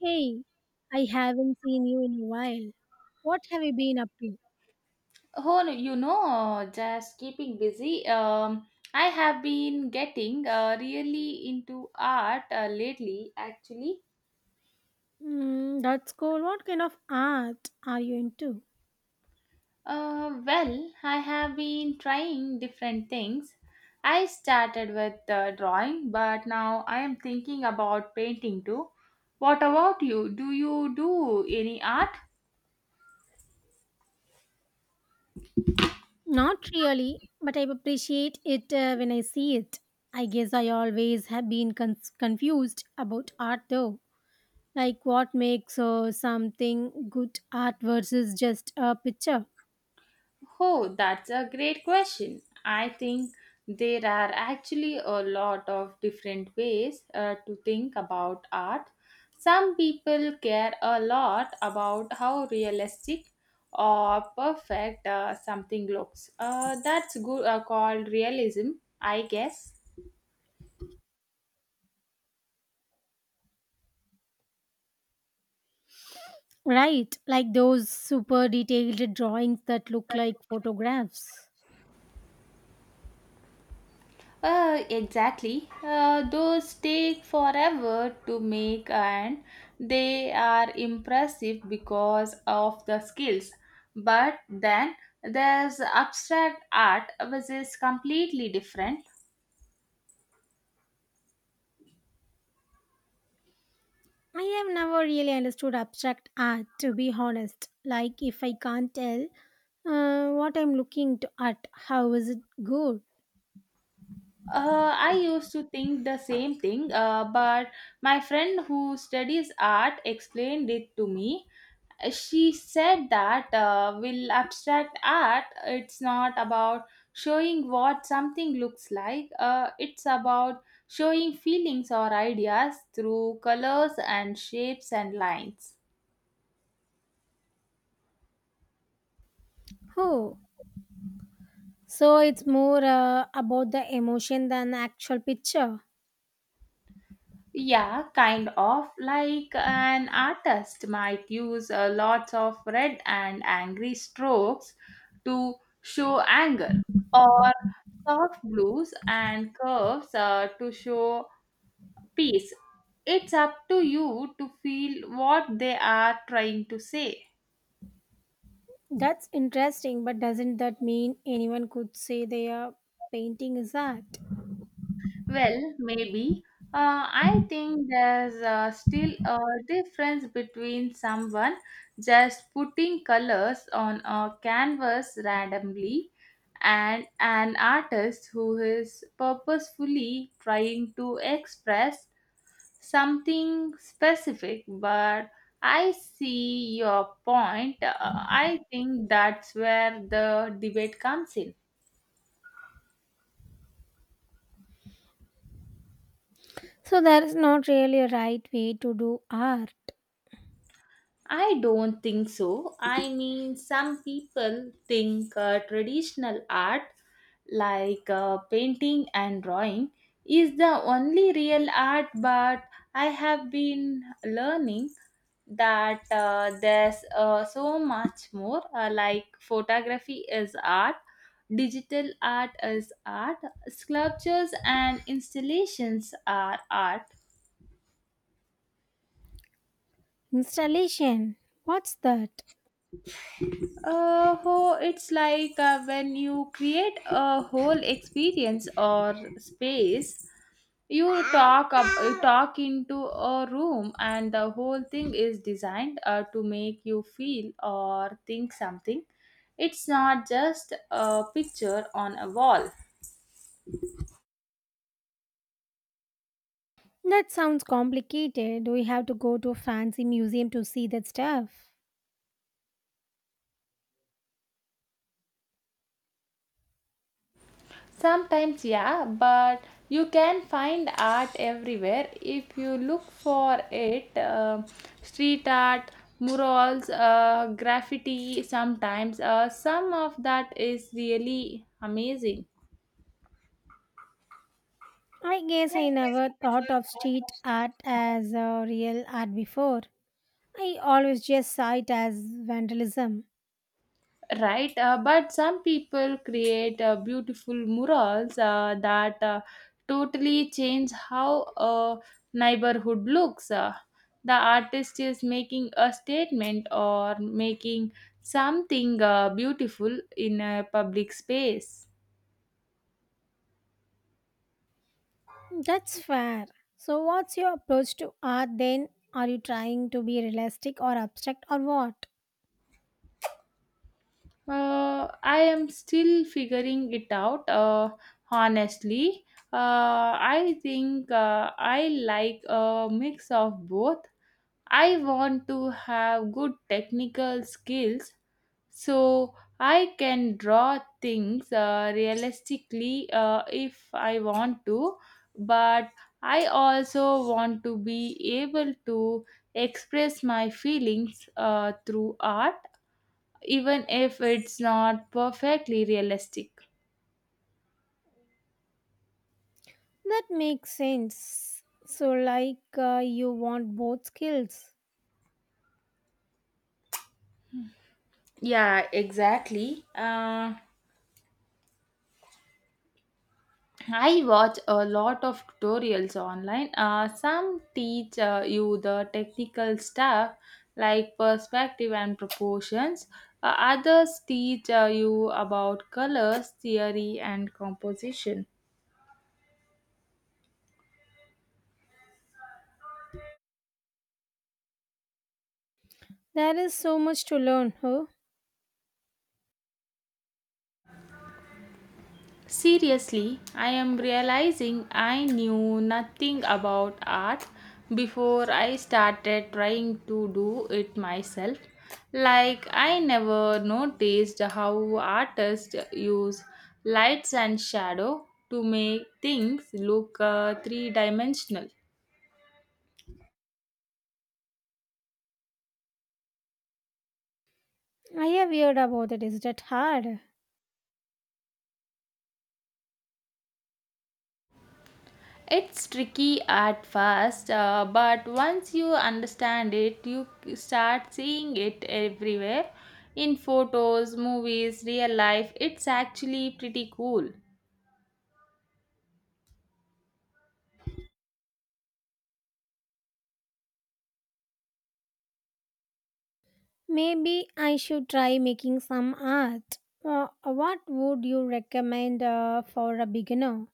Hey, I haven't seen you in a while. What have you been up to? Oh, just keeping busy. I have been getting really into art lately, actually. Mm, that's cool. What kind of art are you into? Well, I have been trying different things. I started with drawing, but now I am thinking about painting too. What about you? Do you do any art? Not really, but I appreciate it when I see it. I guess I always have been confused about art though. Like what makes something good art versus just a picture. Oh, that's a great question. I think there are actually a lot of different ways to think about art. Some people care a lot about how realistic or perfect something looks. That's good, called realism, I guess. Right, like those super detailed drawings that look like photographs. Exactly. Those take forever to make, and they are impressive because of the skills. But then there's abstract art, which is completely different. I have never really understood abstract art, to be honest. Like, if I can't tell what I'm looking to at, how is it good? I used to think the same thing, but my friend who studies art explained it to me. She said that will abstract art it's not about showing what something looks like, it's about showing feelings or ideas through colors and shapes and lines. Oh, so it's more about the emotion than the actual picture. Yeah, kind of like an artist might use lots of red and angry strokes to show anger, or soft blues and curves to show piece. It's up to you to feel what they are trying to say. That's interesting, but doesn't that mean anyone could say their painting is art? Well, maybe. I think there's still a difference between someone just putting colors on a canvas randomly and an artist who is purposefully trying to express something specific, but I see your point. I think that's where the debate comes in. So, there is not really a right way to do art. I don't think so. I mean, some people think traditional art, like painting and drawing, is the only real art, but I have been learning that there's so much more, like photography is art, digital art is art, sculptures and installations are art. Installation. What's that? Oh, it's like when you create a whole experience or space. You talk into a room, and the whole thing is designed to make you feel or think something. It's not just a picture on a wall. That sounds complicated. Do we have to go to a fancy museum to see that stuff? Sometimes, yeah, but you can find art everywhere if you look for it. Street art, murals, graffiti, sometimes. Some of that is really amazing. I guess I never thought of street art as a real art before. I always just saw it as vandalism. Right, but some people create beautiful murals that totally change how a neighborhood looks. The artist is making a statement or making something beautiful in a public space. That's fair. So, what's your approach to art then? Are you trying to be realistic or abstract or what? I am still figuring it out, honestly. I think I like a mix of both. I want to have good technical skills, so I can draw things realistically, if I want to, but I also want to be able to express my feelings through art, even if it's not perfectly realistic. That makes sense. So, like, you want both skills. Yeah, exactly. I watch a lot of tutorials online. Some teach you the technical stuff, like perspective and proportions. Others teach you about colors, theory, and composition. There is so much to learn, huh? Seriously, I am realizing I knew nothing about art before I started trying to do it myself. Like, I never noticed how artists use lights and shadow to make things look three dimensional. I have heard about it. Is that hard? It's tricky at first, but once you understand it, you start seeing it everywhere, in photos, movies, real life. It's actually pretty cool. Maybe I should try making some art. What would you recommend for a beginner?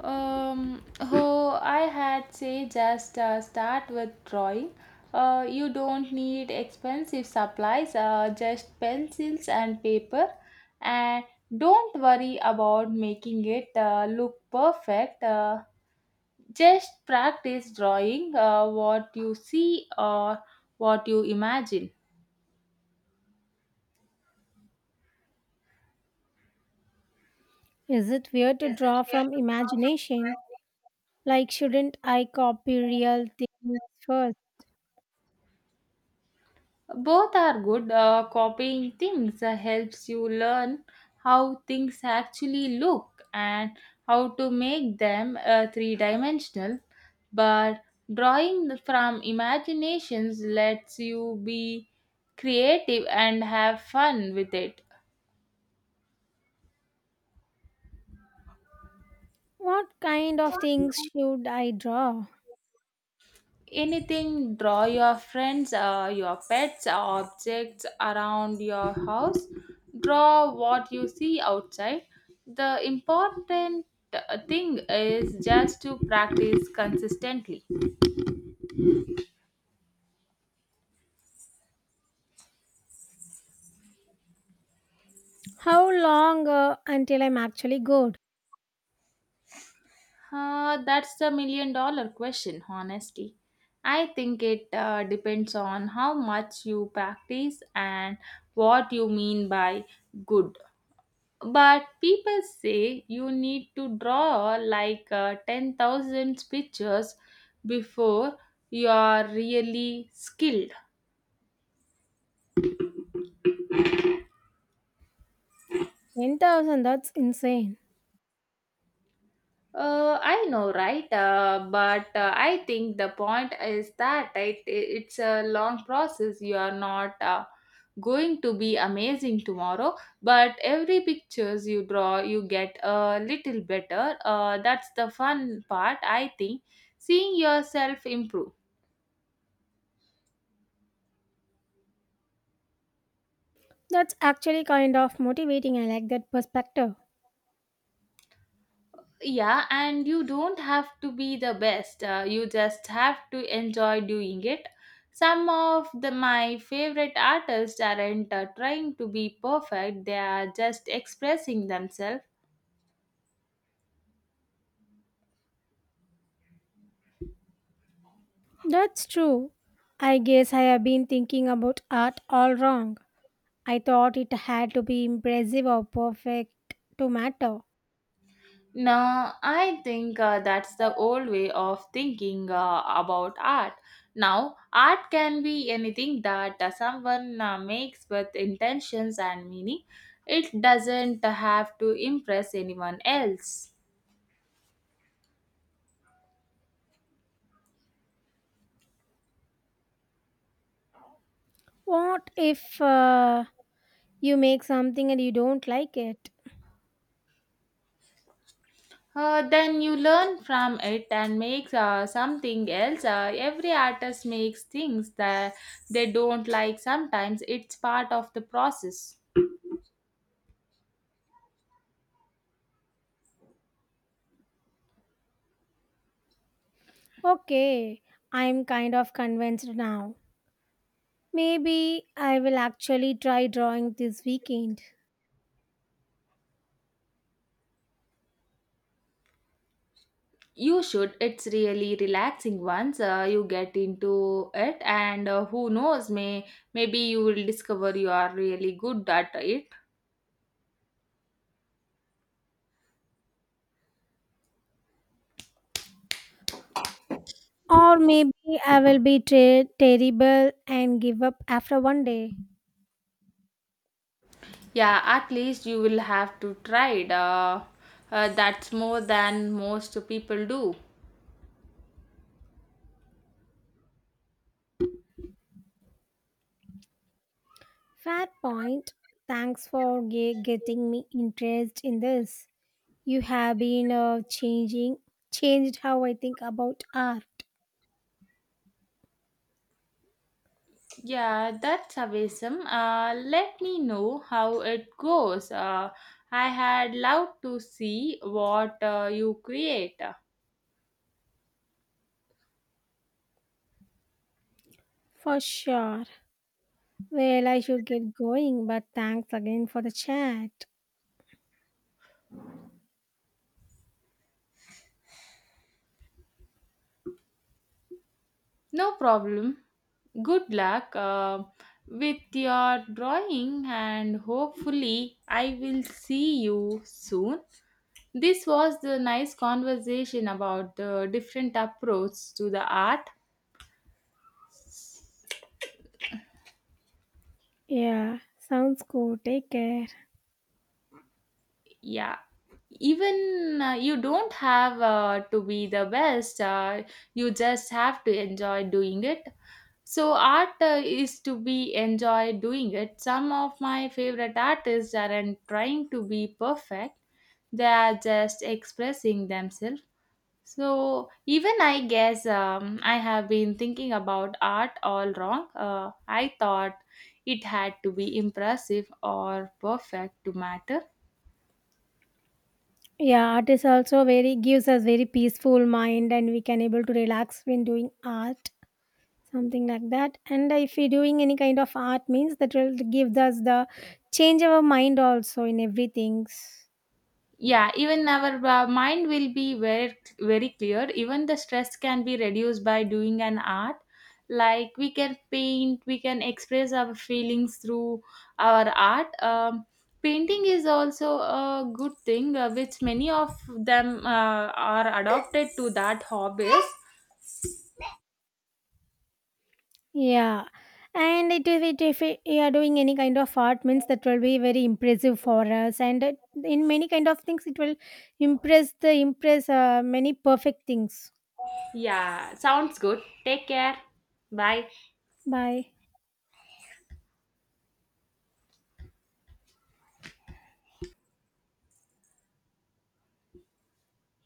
Oh, I had say just start with drawing. You don't need expensive supplies, just pencils and paper, and don't worry about making it look perfect. Just practice drawing what you see or what you imagine. Is it weird to draw from imagination? Like, shouldn't I copy real things first? Both are good. Copying things helps you learn how things actually look and how to make them three dimensional. But drawing from imaginations lets you be creative and have fun with it. What kind of things should I draw? Anything, draw your friends, your pets, objects around your house. Draw what you see outside. The important thing is just to practice consistently. How long until I'm actually good? That's the million dollar question, honestly. I think it depends on how much you practice and what you mean by good. But people say you need to draw like 10,000 pictures before you are really skilled. 10,000, that's insane. I know, right? But I think the point is that it's a long process. You are not going to be amazing tomorrow, but every pictures you draw, you get a little better. That's the fun part, I think, seeing yourself improve. That's actually kind of motivating. I like that perspective. Yeah, and you don't have to be the best. You just have to enjoy doing it. Some of the my favorite artists aren't trying to be perfect. They are just expressing themselves. That's true. I guess I have been thinking about art all wrong. I thought it had to be impressive or perfect to matter. No, I think that's the old way of thinking about art. Now, art can be anything that someone makes with intentions and meaning. It doesn't have to impress anyone else. What if you make something and you don't like it? Then you learn from it and make something else. Every artist makes things that they don't like sometimes. It's part of the process. Okay, I'm kind of convinced now. Maybe I will actually try drawing this weekend. You should. It's really relaxing once you get into it, and who knows, maybe you will discover you are really good at it. Or maybe I will be terrible and give up after one day. Yeah, at least you will have to try it. That's more than most people do. Fair point. Thanks for getting me interest in this. You have been changed how I think about art. Yeah, that's awesome. Let me know how it goes. I had loved to see what you create. For sure. Well, I should get going, but thanks again for the chat. No problem. Good luck with your drawing, and hopefully, I will see you soon. This was the nice conversation about the different approach to the art. Yeah, sounds cool. Take care. Yeah. Even you don't have to be the best, you just have to enjoy doing it. So art is to be enjoy doing it. Some of my favorite artists aren't trying to be perfect. They are just expressing themselves. So even I guess, I have been thinking about art all wrong. I thought it had to be impressive or perfect to matter. Yeah, art is also very gives us very peaceful mind and we can able to relax when doing art, something like that. And if we doing any kind of art means that will give us the change our mind also in everything. Yeah, even our mind will be very very clear. Even the stress can be reduced by doing an art. Like we can paint, we can express our feelings through our art. Painting is also a good thing, which many of them are adopted to that hobbies. Yeah, and if you are doing any kind of art means that will be very impressive for us, and in many kind of things it will impress many perfect things. Yeah, sounds good. Take care. Bye. Bye.